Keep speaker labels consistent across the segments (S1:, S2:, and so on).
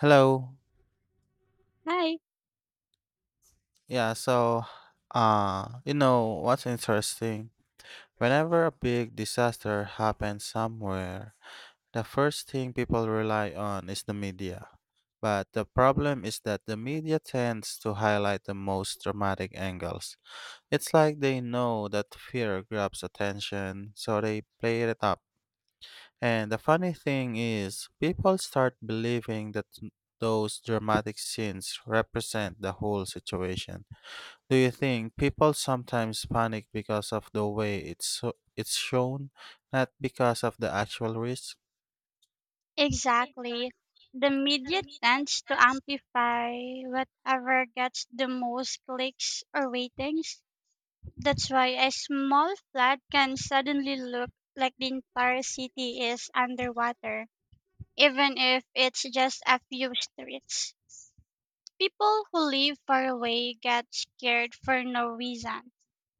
S1: Hello.
S2: Hi,
S1: Yeah. What's interesting? Whenever a big disaster happens somewhere, the first thing people rely on is the media. But the problem is that the media tends to highlight the most dramatic angles. It's like they know that fear grabs attention, so they play it up. And the funny thing is, people start believing that those dramatic scenes represent the whole situation. Do you think people sometimes panic because of the way it's shown, not because of the actual risk?
S2: exactly. The media tends to amplify whatever gets the most clicks or ratings. That's why a small flat can suddenly look like the entire city is underwater, even if it's just a few streets. People who live far away get scared for no reason,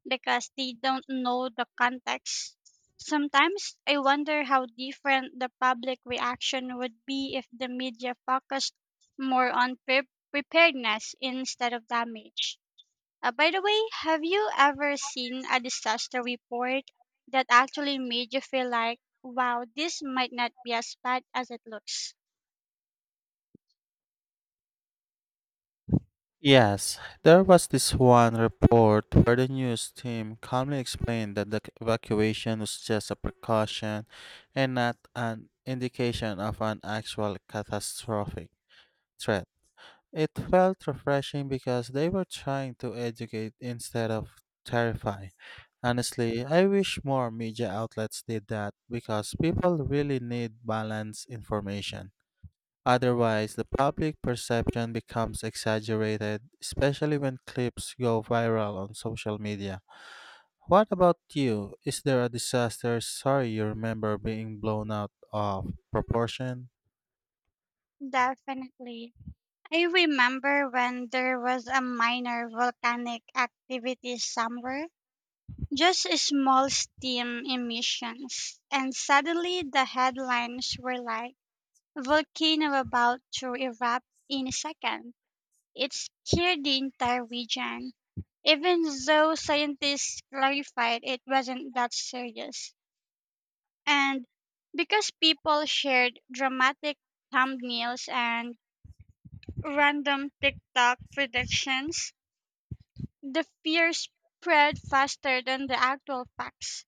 S2: because they don't know the context. Sometimes I wonder how different the public reaction would be if the media focused more on preparedness instead of damage. By the way, have you ever seen a disaster report that actually made you feel like, wow, this might not be as bad as it looks?
S1: Yes, there was this one report where the news team calmly explained that evacuation was just a precaution and not an indication of an actual catastrophic threat. It felt refreshing because they were trying to educate instead of terrify. Honestly, I wish more media outlets did that because people really need balanced information. Otherwise, the public perception becomes exaggerated, especially when clips go viral on social media. What about you? Is there a disaster story you remember being blown out of proportion?
S2: Definitely. I remember when there was a minor volcanic activity somewhere. Just a small steam emissions. And suddenly the headlines were like, volcano about to erupt in second. It scared the entire region, even though scientists clarified it wasn't that serious. And because people shared dramatic thumbnails and random TikTok predictions, the fear spread faster than the actual facts.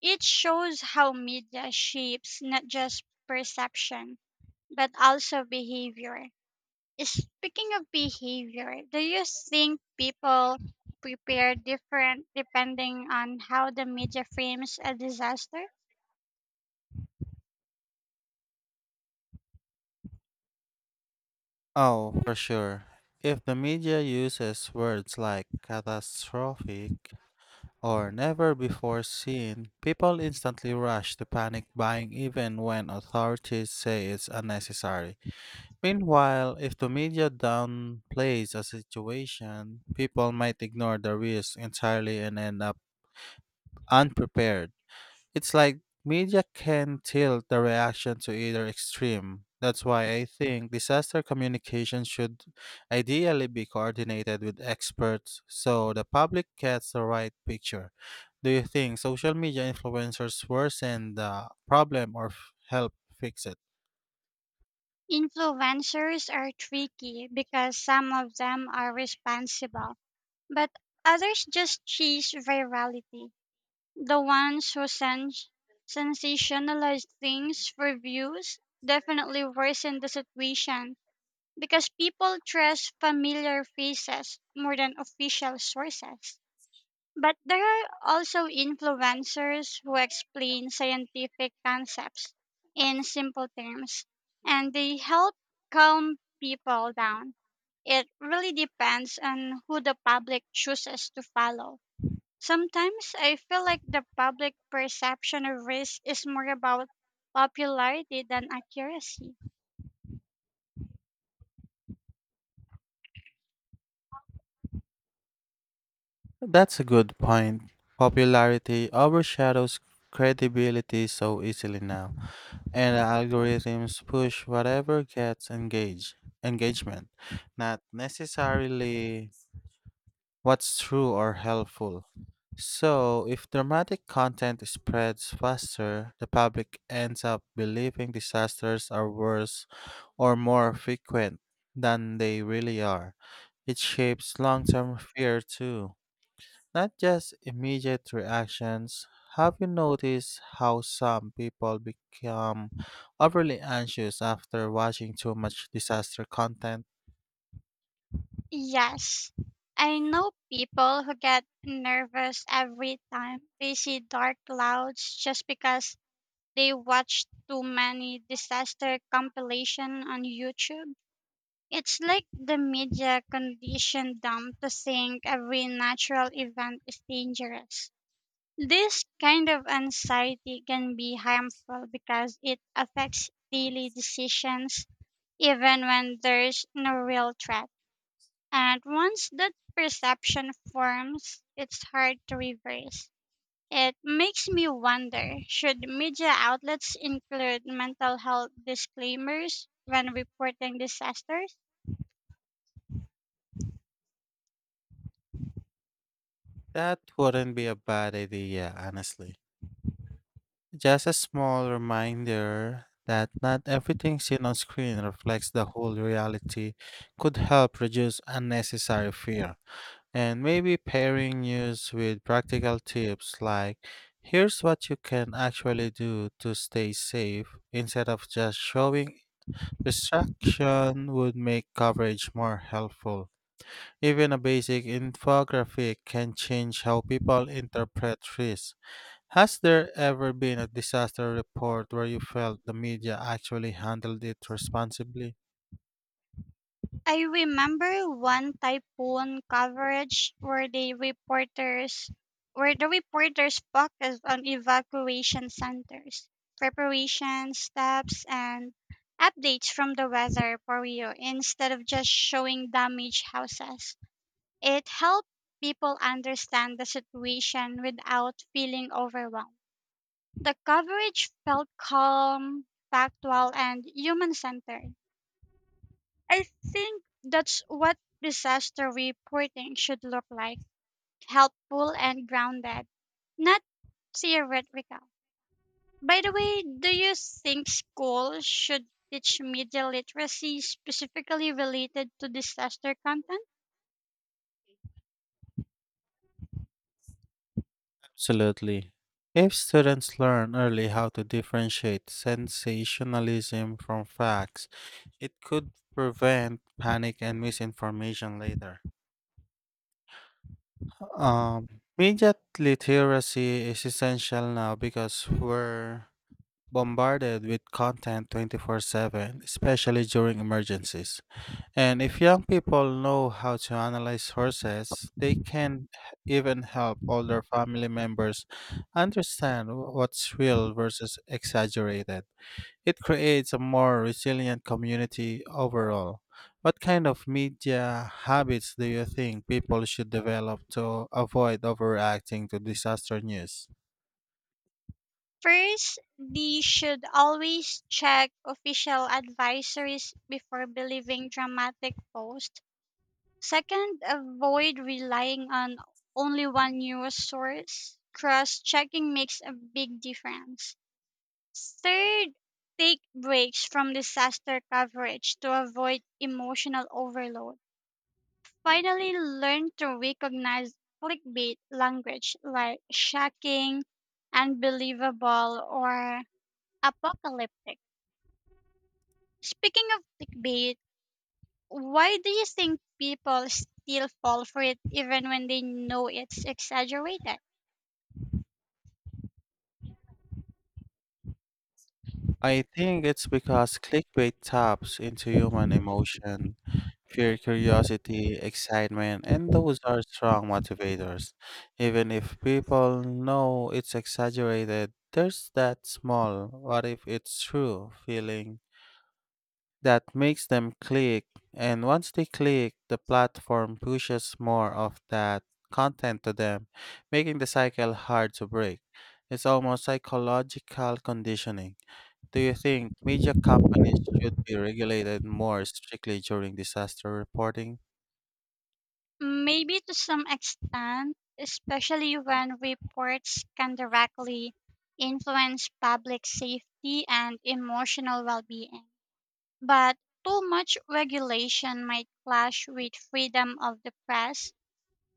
S2: It shows how media shapes not just perception, but also behavior. Speaking of behavior, do you think people prepare different depending on how the media frames a disaster?
S1: Oh, for sure. If the media uses words like catastrophic or never before seen, people instantly rush to panic buying even when authorities say it's unnecessary. Meanwhile, if the media downplays a situation, people might ignore the risk entirely and end up unprepared. It's like media can tilt the reaction to either extreme. That's why I think disaster communication should ideally be coordinated with experts so the public gets the right picture. Do you think social media influencers worsen the problem or help fix it?
S2: Influencers are tricky because some of them are responsible, but others just chase virality. The ones who sensationalize things for views definitely worsen the situation because people trust familiar faces more than official sources. But there are also influencers who explain scientific concepts in simple terms and they help calm people down. It really depends on who the public chooses to follow. Sometimes I feel like the public perception of risk is more about popularity than accuracy.
S1: That's a good point. Popularity overshadows credibility so easily now. And algorithms push whatever gets engagement, not necessarily what's true or helpful. So, if dramatic content spreads faster, the public ends up believing disasters are worse or more frequent than they really are. It shapes long term fear too. Not just immediate reactions. Have you noticed how some people become overly anxious after watching too much disaster content?
S2: Yes, I know people who get nervous every time they see dark clouds just because they watch too many disaster compilation on YouTube. It's like the media conditioned them to think every natural event is dangerous. This kind of anxiety can be harmful because it affects daily decisions even when there's no real threat. And once that perception forms, it's hard to reverse. It makes me wonder, should media outlets include mental health disclaimers when reporting disasters?
S1: That wouldn't be a bad idea, honestly. Just a small reminder that not everything seen on screen reflects the whole reality could help reduce unnecessary fear. And maybe pairing news with practical tips like here's what you can actually do to stay safe instead of just showing distraction would make coverage more helpful. Even a basic infographic can change how people interpret risk. Has there ever been a disaster report where you felt the media actually handled it responsibly?
S2: I remember one typhoon coverage where the reporters focused on evacuation centers, preparation steps and updates from the weather bureau instead of just showing damaged houses. It helped people understand the situation without feeling overwhelmed. The coverage felt calm, factual and human centered. I think that's what disaster reporting should look like, helpful and grounded, not theoretical. By the way, do you think schools should teach media literacy specifically related to disaster content?
S1: Absolutely. If students learn early how to differentiate sensationalism from facts, it could prevent panic and misinformation later. Um, Media literacy is essential now because we're bombarded with content 24/7, especially during emergencies. And if young people know how to analyze horses, they can even help older family members understand what's real versus exaggerated. It creates a more resilient community overall. What kind of media habits do you think people should develop to avoid overreacting to disaster news?
S2: First, they should always check official advisories before believing dramatic posts. Second, avoid relying on only one news source. Cross checking makes a big difference. Third, take breaks from disaster coverage to avoid emotional overload. Finally, learn to recognize clickbait language like shocking, unbelievable, or apocalyptic. Speaking of clickbait, why do you think people still fall for it even when they know it's exaggerated?
S1: I think it's because clickbait taps into human emotion, fear, curiosity, excitement, and those are strong motivators. Even if people know it's exaggerated, there's that small, what if it's true feeling that makes them click, and once they click, the platform pushes more of that content to them, making the cycle hard to break. It's almost psychological conditioning. Do you think media companies should be regulated more strictly during disaster reporting?
S2: Maybe to some extent, especially when reports can directly influence public safety and emotional well being. But too much regulation might clash with freedom of the press.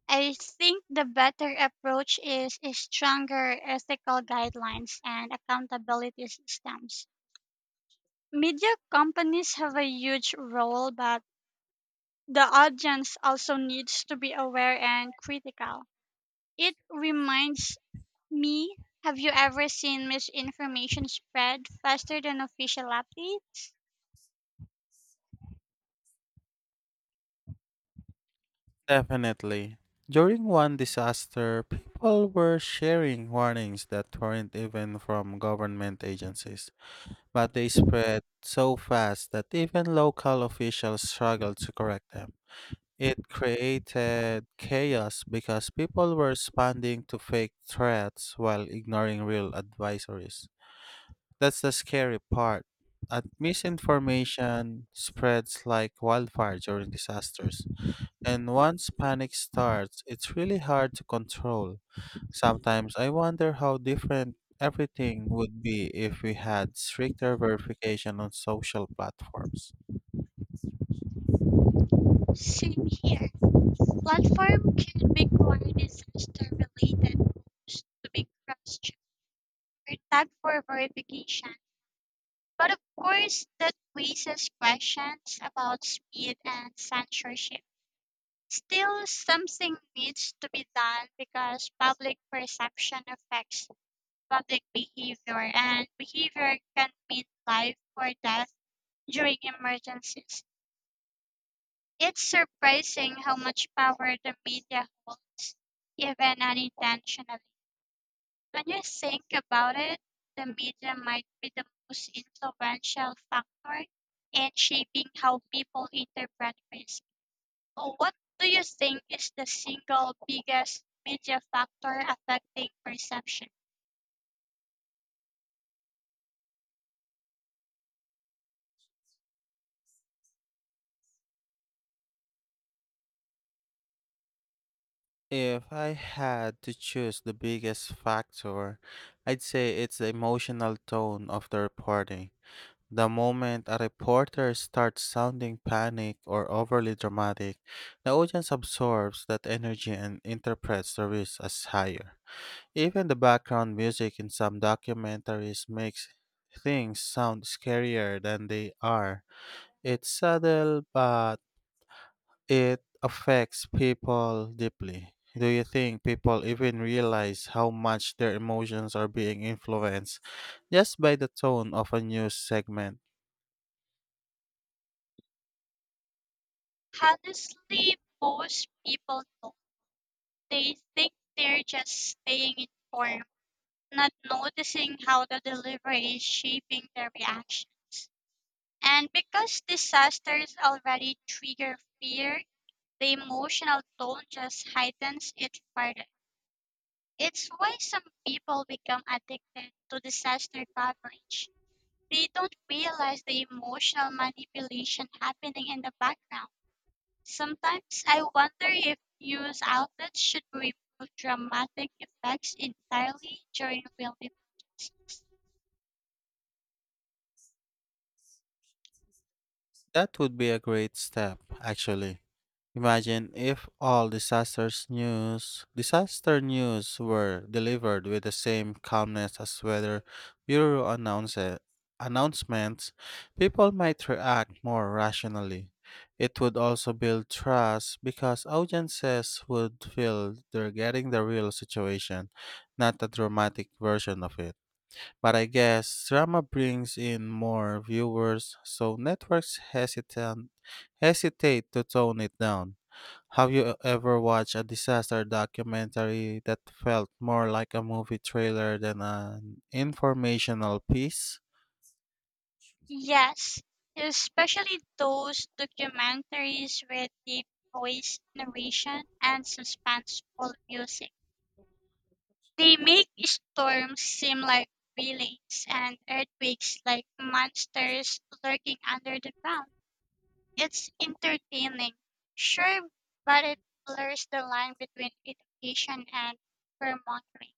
S2: I think the better approach is stronger ethical guidelines and accountability systems. Media companies have a huge role, but the audience also needs to be aware and critical. It reminds me, have you ever seen misinformation spread faster than official update?
S1: Definitely. During one disaster, people were sharing warnings that weren't even from government agencies, but they spread so fast that even local officials struggled to correct them. It created chaos because people were responding to fake threats while ignoring real advisories. That's the scary part. Misinformation spreads like wildfire during disasters. And once panic starts, it's really hard to control. Sometimes I wonder how different everything would be if we had stricter verification on social platforms.
S2: Same here. Platform can require disaster related posts to be cross checked or tagged for verification. But of course, that raises questions about speed and censorship. Still, something needs to be done because public perception affects public behavior, and behavior can mean life or death during emergencies. It's surprising how much power the media holds, even unintentionally. When you think about it, the media might be the most influential factor in shaping how people interpret risk. So what do you think is the single biggest media factor affecting perception?
S1: If I had to choose the biggest factor, I'd say it's the emotional tone of the reporting. The moment a reporter starts sounding panic or overly dramatic, the audience absorbs that energy and interprets the risk as higher. Even the background music in some documentaries makes things sound scarier than they are. It's subtle, but it affects people deeply. Do you think people even realize how much their emotions are being influenced just by the tone of a news segment?
S2: Honestly, most people don't. They think they're just staying informed, not noticing how the delivery is shaping their reactions. And because disasters already trigger fear, the emotional tone just heightens it further. It's why some people become addicted to disaster coverage. They don't realize the emotional manipulation happening in the background. Sometimes I wonder if news outlets should remove dramatic effects entirely during filming.
S1: That would be a great step, actually. Imagine if all disaster news were delivered with the same calmness as weather bureau announcements, people might react more rationally. It would also build trust because audiences would feel they're getting the real situation, not a dramatic version of it. But I guess drama brings in more viewers, so networks hesitant hesitate to tone it down. Have you ever watched a disaster documentary that felt more like a movie trailer than an informational piece?
S2: Yes, especially those documentaries with deep voice narration and suspenseful music. They make storms seem like villains and earthquakes like monsters lurking under the ground. It's entertaining, sure, but it blurs the line between education and fear-mongering.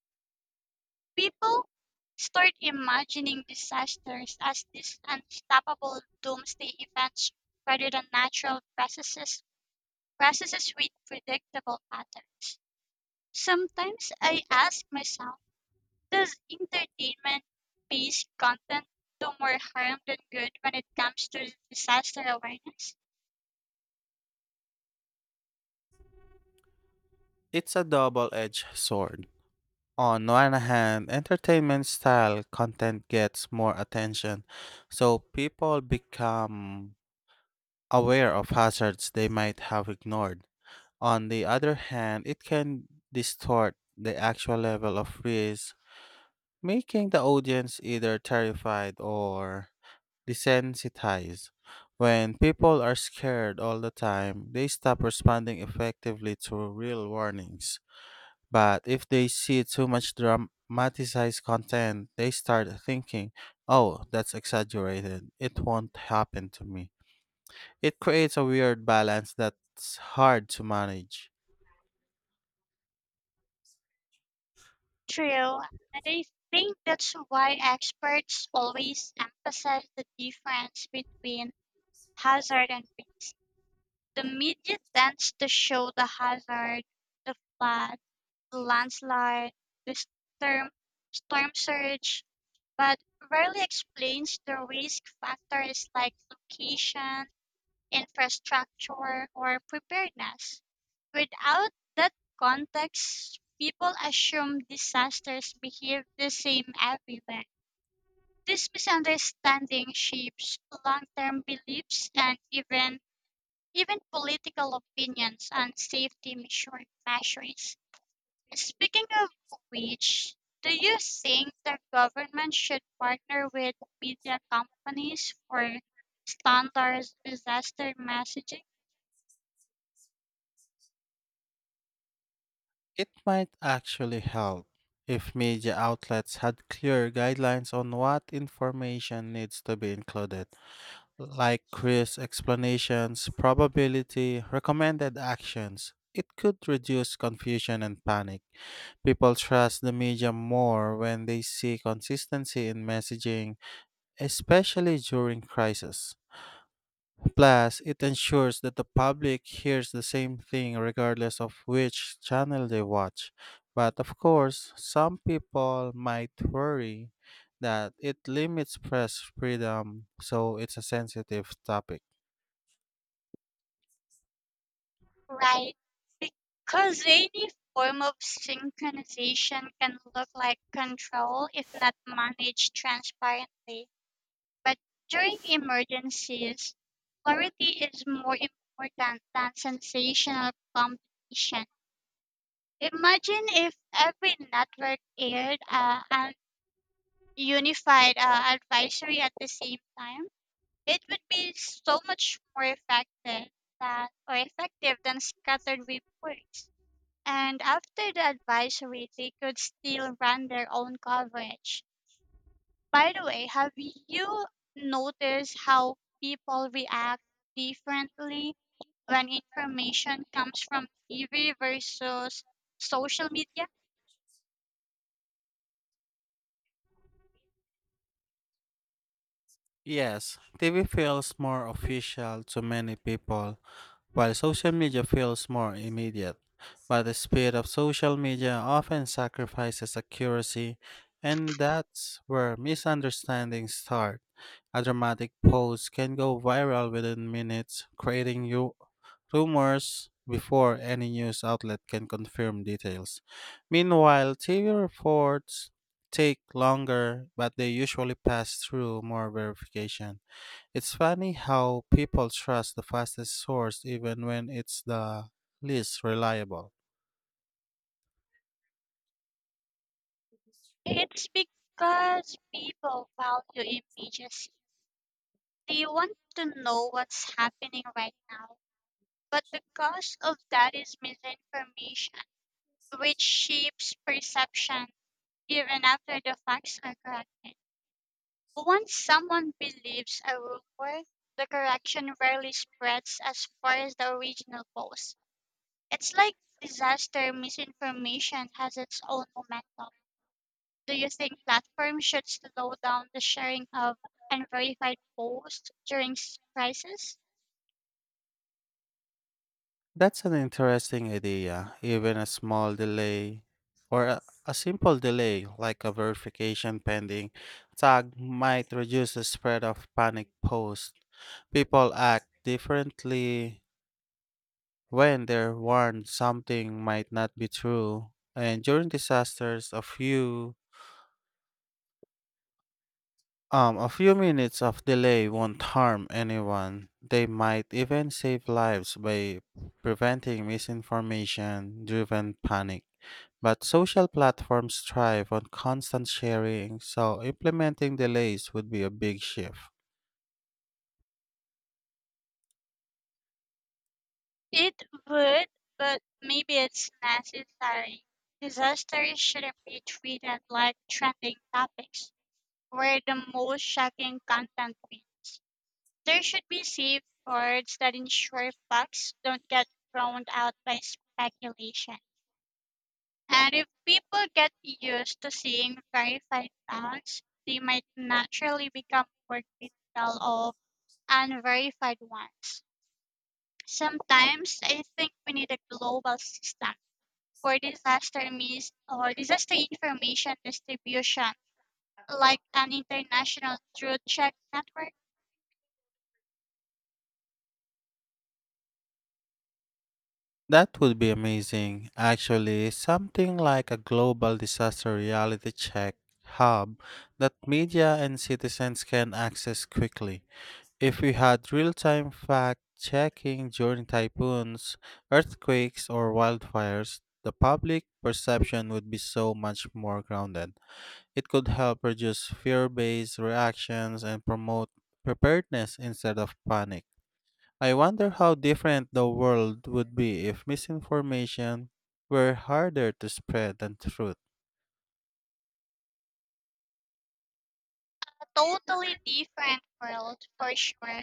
S2: People start imagining disasters as these unstoppable doomsday events rather than natural processes with predictable patterns. Sometimes I ask myself, does entertainment-based content do more harm than good when it comes to disaster awareness?
S1: It's a double-edged sword. On one hand, entertainment style content gets more attention, so people become aware of hazards they might have ignored. On the other hand, it can distort the actual level of risk, making the audience either terrified or desensitized. When people are scared all the time, they stop responding effectively to real warnings. But if they see too much dramatized content, they start thinking, oh, that's exaggerated. It won't happen to me. It creates a weird balance that's hard to manage.
S2: True, and I think that's why experts always emphasize the difference between hazard and risk. The media tends to show the hazard, the flood, the landslide, the storm, storm surge, but rarely explains the risk factors like location, infrastructure, or preparedness. Without that context, people assume disasters behave the same everywhere. This misunderstanding shapes long-term beliefs and even political opinions on safety measures. Speaking of which, do you think the government should partner with media companies for standards disaster messaging?
S1: It might actually help if media outlets had clear guidelines on what information needs to be included, like risk explanations, probability, recommended actions. It could reduce confusion and panic. People trust the media more when they see consistency in messaging, especially during crisis. Plus, it ensures that the public hears the same thing regardless of which channel they watch. But of course, some people might worry that it limits press freedom, so it's a sensitive topic.
S2: Right, because any form of synchronization can look like control if not managed transparently. But during emergencies, clarity is more important than sensational competition. Imagine if every network aired an unified advisory at the same time. It would be so much more effective than, or effective than scattered reports. And after the advisory, they could still run their own coverage. By the way, have you noticed how people react differently when information comes from TV versus social media?
S1: Yes, TV feels more official to many people, while social media feels more immediate, but the speed of social media often sacrifices accuracy, and that's where misunderstandings start. A dramatic post can go viral within minutes, creating you rumors before any news outlet can confirm details. Meanwhile, TV reports take longer, but they usually pass through more verification. It's funny how people trust the fastest source even when it's the least reliable.
S2: It's because people value immediacy. They want to know what's happening right now. But the cost of that is misinformation, which shapes perception even after the facts are corrected. Once someone believes a rumor, the correction rarely spreads as far as the original post. It's like disaster misinformation has its own momentum. Do you think platforms should slow down the sharing of unverified posts during crisis?
S1: That's an interesting idea. Even a small delay or a simple delay like a verification pending tag might reduce the spread of panic posts. People act differently when they're warned something might not be true. And during disasters, a few minutes of delay won't harm anyone. They might even save lives by preventing misinformation driven panic. But social platforms thrive on constant sharing, so implementing delays would be a big shift.
S2: It would, but maybe it's necessary. Disasters shouldn't be treated like trending topics where the most shocking content wins. There should be safe words that ensure facts don't get drowned out by speculation. And if people get used to seeing verified facts, they might naturally become more critical of unverified ones. Sometimes I think we need a global system for disaster mis or disaster information distribution, like an international truth check network.
S1: That would be amazing. Actually, something like a global disaster reality check hub that media and citizens can access quickly. If we had real time fact checking during typhoons, earthquakes, or wildfires, the public perception would be so much more grounded. It could help reduce fear based reactions and promote preparedness instead of panic. I wonder how different the world would be if misinformation were harder to spread than truth.
S2: A totally different world for sure.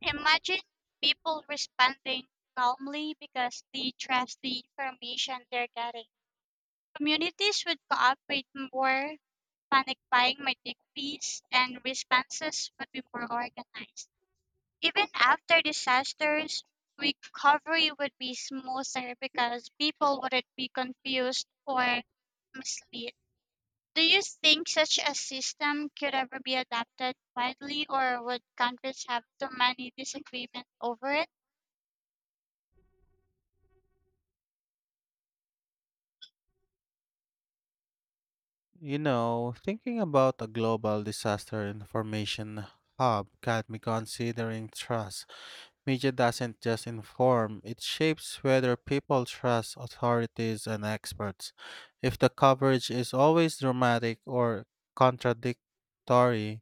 S2: Imagine people responding calmly because they trust the information they're getting. Communities would cooperate more, panic buying might decrease, and responses would be more organized. Even after disasters, recovery would be smoother because people wouldn't be confused or misled. Do you think such a system could ever be adapted widely, or would Congress have too many disagreements over it?
S1: You know, thinking about a global disaster information hub got me considering trust. Media doesn't just inform, it shapes whether people trust authorities and experts. If the coverage is always dramatic or contradictory,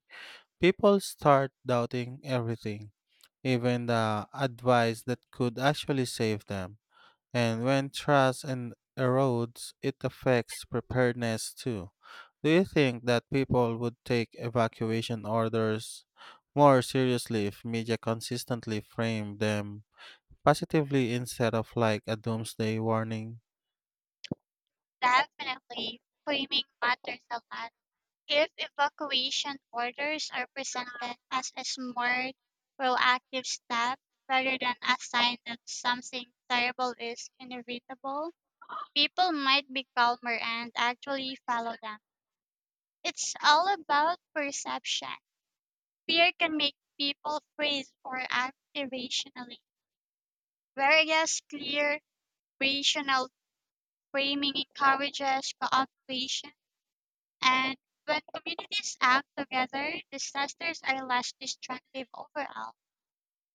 S1: people start doubting everything, even the advice that could actually save them. And when trust and erodes, it affects preparedness too. Do you think that people would take evacuation orders more seriously if media consistently framed them positively instead of like a doomsday warning?
S2: Definitely, framing matters a lot. If evacuation orders are presented as a smart, proactive step rather than a sign that something terrible is inevitable, people might be calmer and actually follow them. It's all about perception. Fear can make people freeze or act irrationally, whereas clear, rational framing encourages cooperation. And when communities act together, disasters are less destructive overall.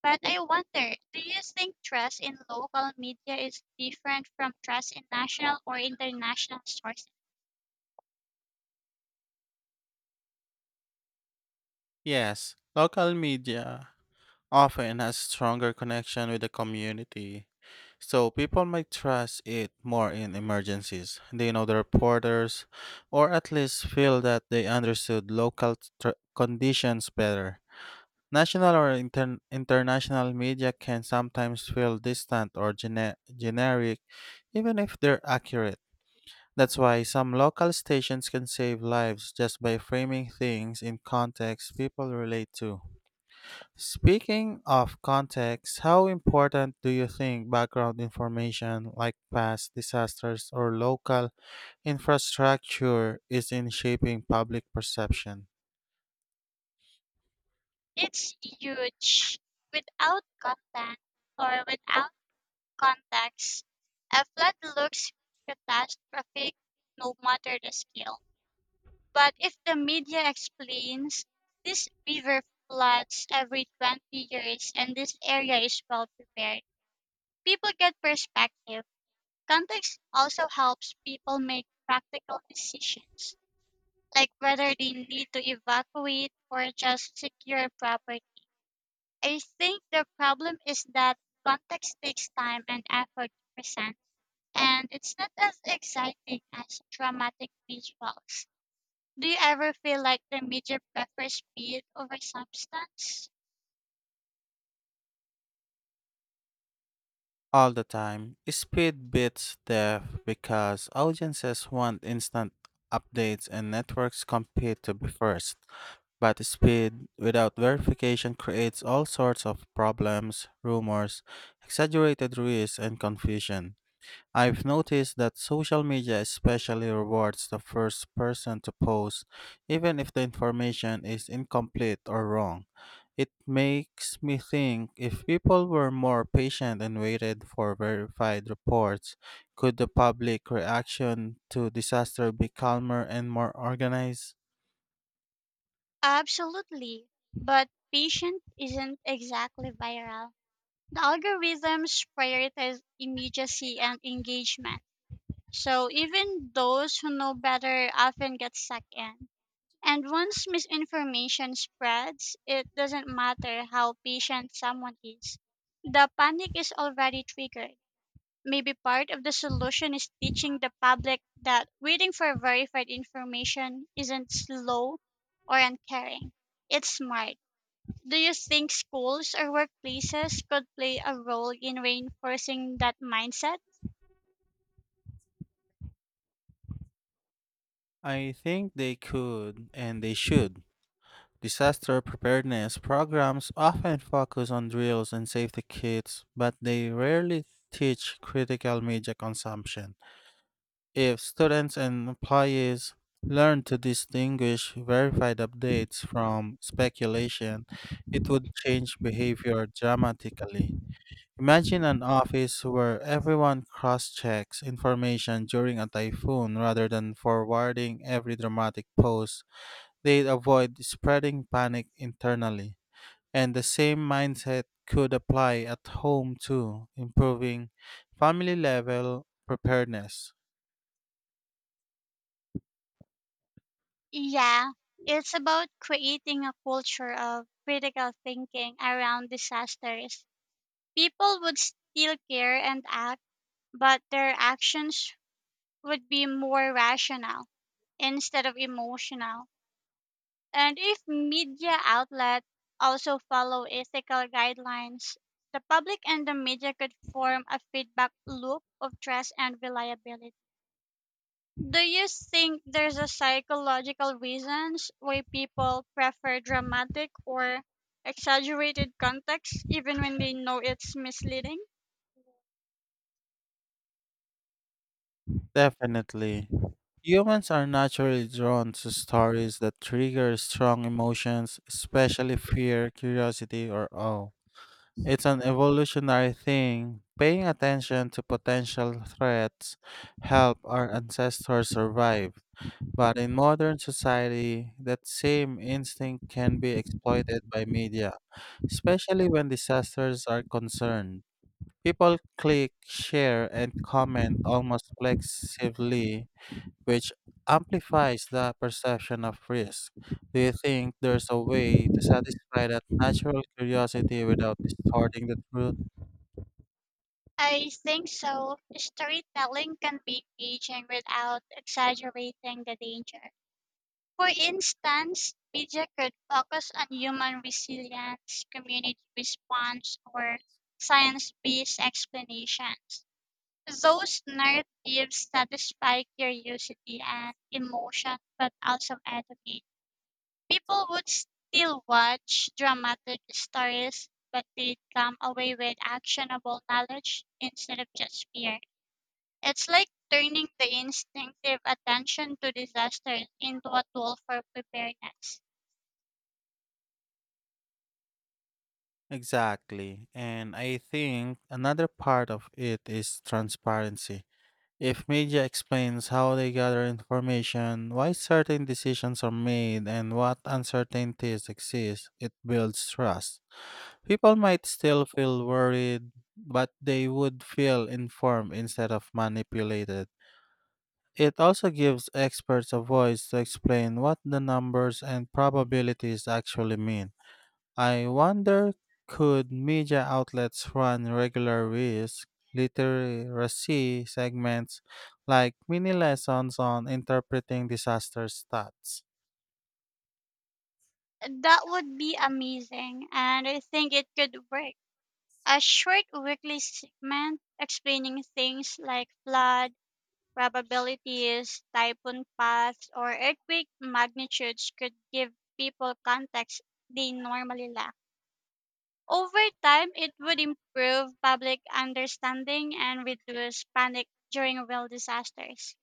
S2: But I wonder, do you think trust in local media is different from trust in national or international sources?
S1: Yes, local media often has stronger connection with the community, so people might trust it more in emergencies. They know the reporters, or at least feel that they understood conditions better. National or international media can sometimes feel distant or generic, even if they're accurate. That's why some local stations can save lives just by framing things in context people relate to. Speaking of context, how important do you think background information like past disasters or local infrastructure is in shaping public perception?
S2: It's huge. Without content or without context, a flood looks catastrophic no matter the scale. But if the media explains this river floods every 20 years and this area is well prepared, people get perspective. Context also helps people make practical decisions, like whether they need to evacuate or just secure property. I think the problem is that context takes time and effort to present and it's not as exciting as dramatic visuals. Do you ever feel like the media prefers speed over substance?
S1: All the time, speed beats depth because audiences want instant updates and networks compete to be first. But speed without verification creates all sorts of problems, rumors, exaggerated risks, and confusion. I've noticed that social media especially rewards the first person to post, even if the information is incomplete or wrong. It makes me think if people were more patient and waited for verified reports, could the public reaction to disaster be calmer and more organized?
S2: Absolutely. But patient isn't exactly viral. The algorithms prioritize immediacy and engagement. So even those who know better often get sucked in. And once misinformation spreads, it doesn't matter how patient someone is. The panic is already triggered. Maybe part of the solution is teaching the public that waiting for verified information isn't slow or uncaring. It's smart. Do you think schools or workplaces could play a role in reinforcing that mindset?
S1: I think they could and they should. Disaster preparedness programs often focus on drills and safety kits, but they rarely teach critical media consumption. If students and employees learn to distinguish verified updates from speculation, it would change behavior dramatically. Imagine an office where everyone cross checks information during a typhoon rather than forwarding every dramatic post. They'd avoid spreading panic internally. And the same mindset could apply at home too, improving family level preparedness.
S2: Yeah, it's about creating a culture of critical thinking around disasters. People would still care and act, but their actions would be more rational instead of emotional. And if media outlets also follow ethical guidelines, the public and the media could form a feedback loop of trust and reliability. Do you think there's a psychological reasons why people prefer dramatic or exaggerated context even when they know it's misleading?
S1: Definitely. Humans are naturally drawn to stories that trigger strong emotions, especially fear, curiosity, or awe. It's an evolutionary thing. Paying attention to potential threats help our ancestors survive. But in modern society, that same instinct can be exploited by media, especially when disasters are concerned. People click, share, and comment almost flexively, which amplifies the perception of risk. Do you think there's a way to satisfy that natural curiosity without distorting the truth?
S2: I think so. Storytelling can be engaging without exaggerating the danger. For instance, media could focus on human resilience, community response, or science based explanations. Those narratives satisfy curiosity and emotion, but also educate. People would still watch dramatic stories, but they'd come away with actionable knowledge instead of just fear. It's like turning the instinctive attention to disasters into a tool for preparedness.
S1: Exactly. And I think another part of it is transparency. If media explains how they gather information, why certain decisions are made, and what uncertainties exist, it builds trust. People might still feel worried, but they would feel informed instead of manipulated. It also gives experts a voice to explain what the numbers and probabilities actually mean. I wonder, could media outlets run regular risk literacy segments like mini lessons on interpreting disaster stats?
S2: That would be amazing, and I think it could work. A short weekly segment explaining things like flood probabilities, typhoon paths, or earthquake magnitudes could give people context they normally lack. Over time, it would improve public understanding and reduce panic during real disasters.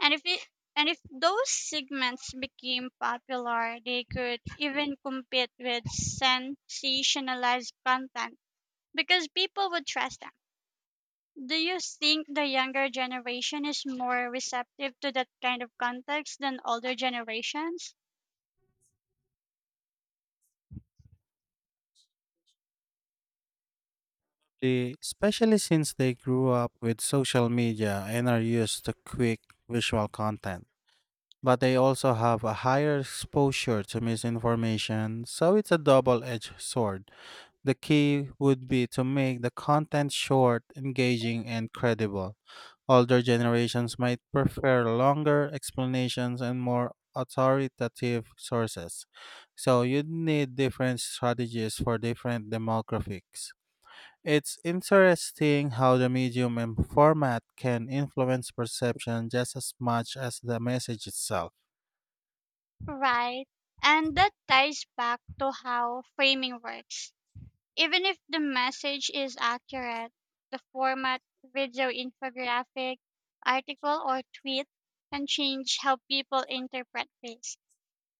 S2: And if it, and if those segments became popular, they could even compete with sensationalized content because people would trust them. Do you think the younger generation is more receptive to that kind of context than older generations?
S1: Especially since they grew up with social media and are used to quick visual content. But they also have a higher exposure to misinformation, so it's a double edged sword. The key would be to make the content short, engaging, and credible. Older generations might prefer longer explanations and more authoritative sources. So you'd need different strategies for different demographics. It's interesting how the medium and format can influence perception just as much as the message itself.
S2: Right. And that ties back to how framing works. Even if the message is accurate, the format, video, infographic, article, or tweet can change how people interpret things.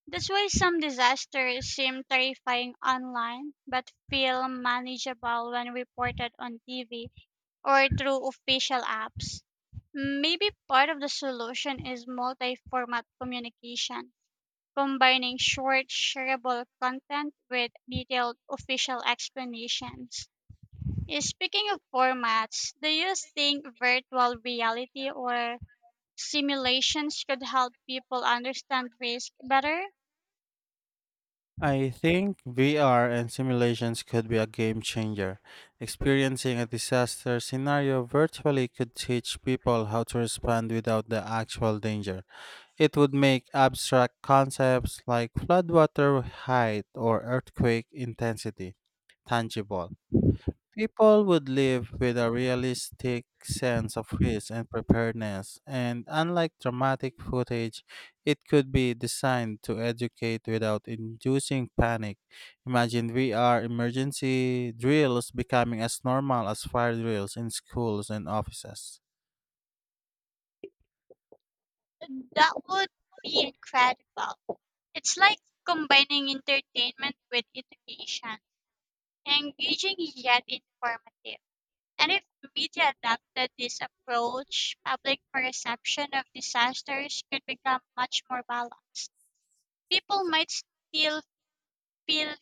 S2: That's why some disasters seem terrifying online but feel manageable when reported on TV or through official apps. Maybe part of the solution is multi format communication, combining short, shareable content with detailed official explanations. Yeah, speaking of formats, do you think virtual reality or simulations could help people understand risk better?
S1: I think VR and simulations could be a game changer. Experiencing a disaster scenario virtually could teach people how to respond without the actual danger. It would make abstract concepts like floodwater height or earthquake intensity tangible. People would live with a realistic sense of risk and preparedness, and unlike dramatic footage, it could be designed to educate without inducing panic. Imagine VR emergency drills becoming as normal as fire drills in schools and offices.
S2: That would be incredible. It's like combining entertainment with education, engaging yet informative. And if media adapted this approach, public perception of disasters could become much more balanced. People might still feel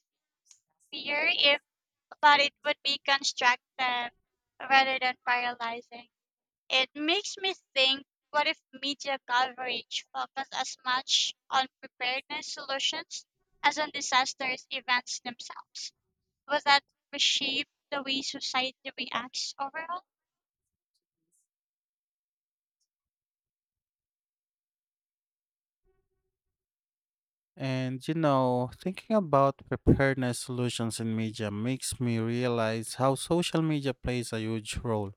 S2: fear if but it would be constructive rather than paralyzing. It makes me think, what if media coverage focused as much on preparedness solutions as on disasters events themselves? Would that reshape the way society reacts overall?
S1: And you know, thinking about preparedness solutions in media makes me realize how social media plays a huge role.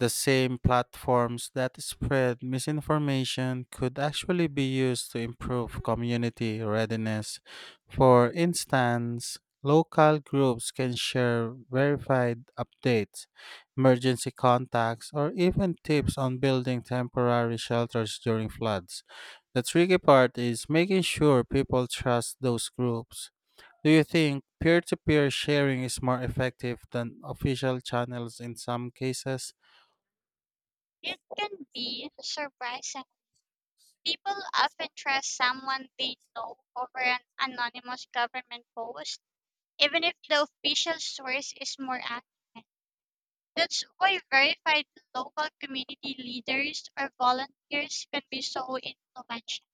S1: The same platforms that spread misinformation could actually be used to improve community readiness. For instance, local groups can share verified updates, emergency contacts, or even tips on building temporary shelters during floods. The tricky part is making sure people trust those groups. Do you think peer to peer sharing is more effective than official channels in some cases?
S2: It can be surprising. People often trust someone they know over an anonymous government post, even if the official source is more accurate. That's why verified local community leaders or volunteers can be so influential.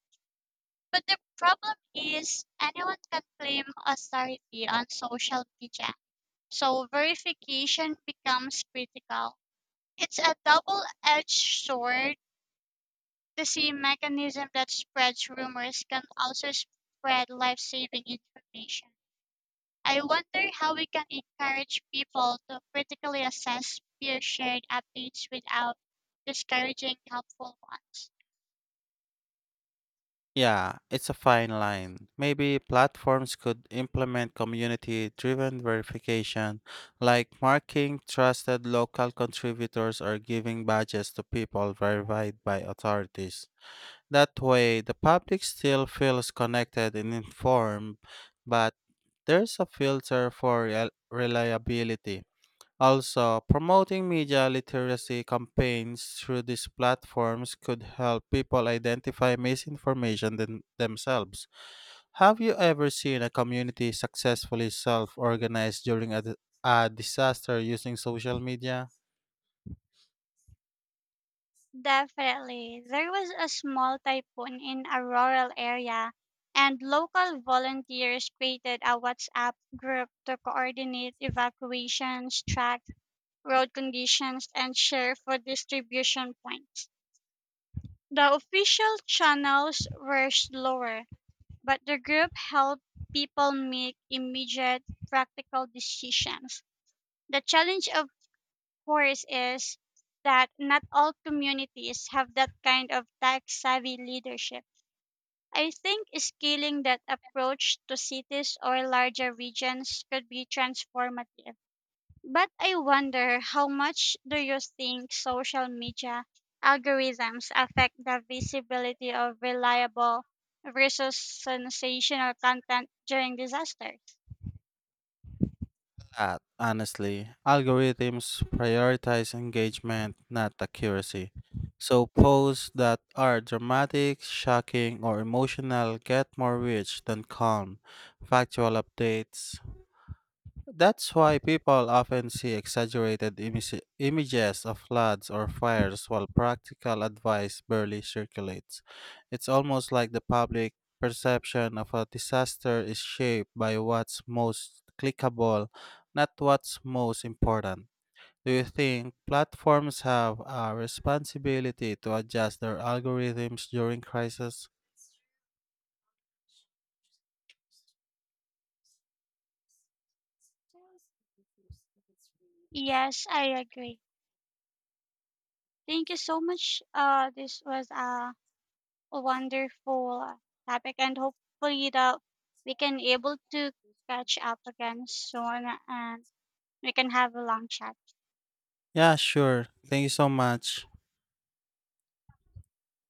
S2: But the problem is anyone can claim authority on social media. So verification becomes critical. It's a double edged sword. The same mechanism that spreads rumors can also spread life saving information. I wonder how we can encourage people to critically assess peer shared updates without discouraging helpful ones.
S1: Yeah, it's a fine line. Maybe platforms could implement community driven verification, like marking trusted local contributors or giving badges to people verified by authorities. That way, the public still feels connected and informed, but there's a filter for reliability. Also, promoting media literacy campaigns through these platforms could help people identify misinformation themselves. Have you ever seen a community successfully self organize during a disaster using social media?
S2: Definitely. There was a small typhoon in a rural area, and local volunteers created a WhatsApp group to coordinate evacuations, track road conditions, and share food distribution points. The official channels were slower, but the group helped people make immediate practical decisions. The challenge, of course, is that not all communities have that kind of tech savvy leadership. I think scaling that approach to cities or larger regions could be transformative, but I wonder how much do you think social media algorithms affect the visibility of reliable versus sensational content during disasters?
S1: Honestly, algorithms prioritize engagement, not accuracy. So, posts that are dramatic, shocking, or emotional get more reach than calm, factual updates. That's why people often see exaggerated images of floods or fires while practical advice barely circulates. It's almost like the public perception of a disaster is shaped by what's most clickable, not what's most important. Do you think platforms have a responsibility to adjust their algorithms during crisis?
S2: Yes, I agree. Thank you so much. This was a wonderful topic, and hopefully that we can able to catch up again soon, and we can have a long chat.
S1: Yeah, sure. Thank you so much.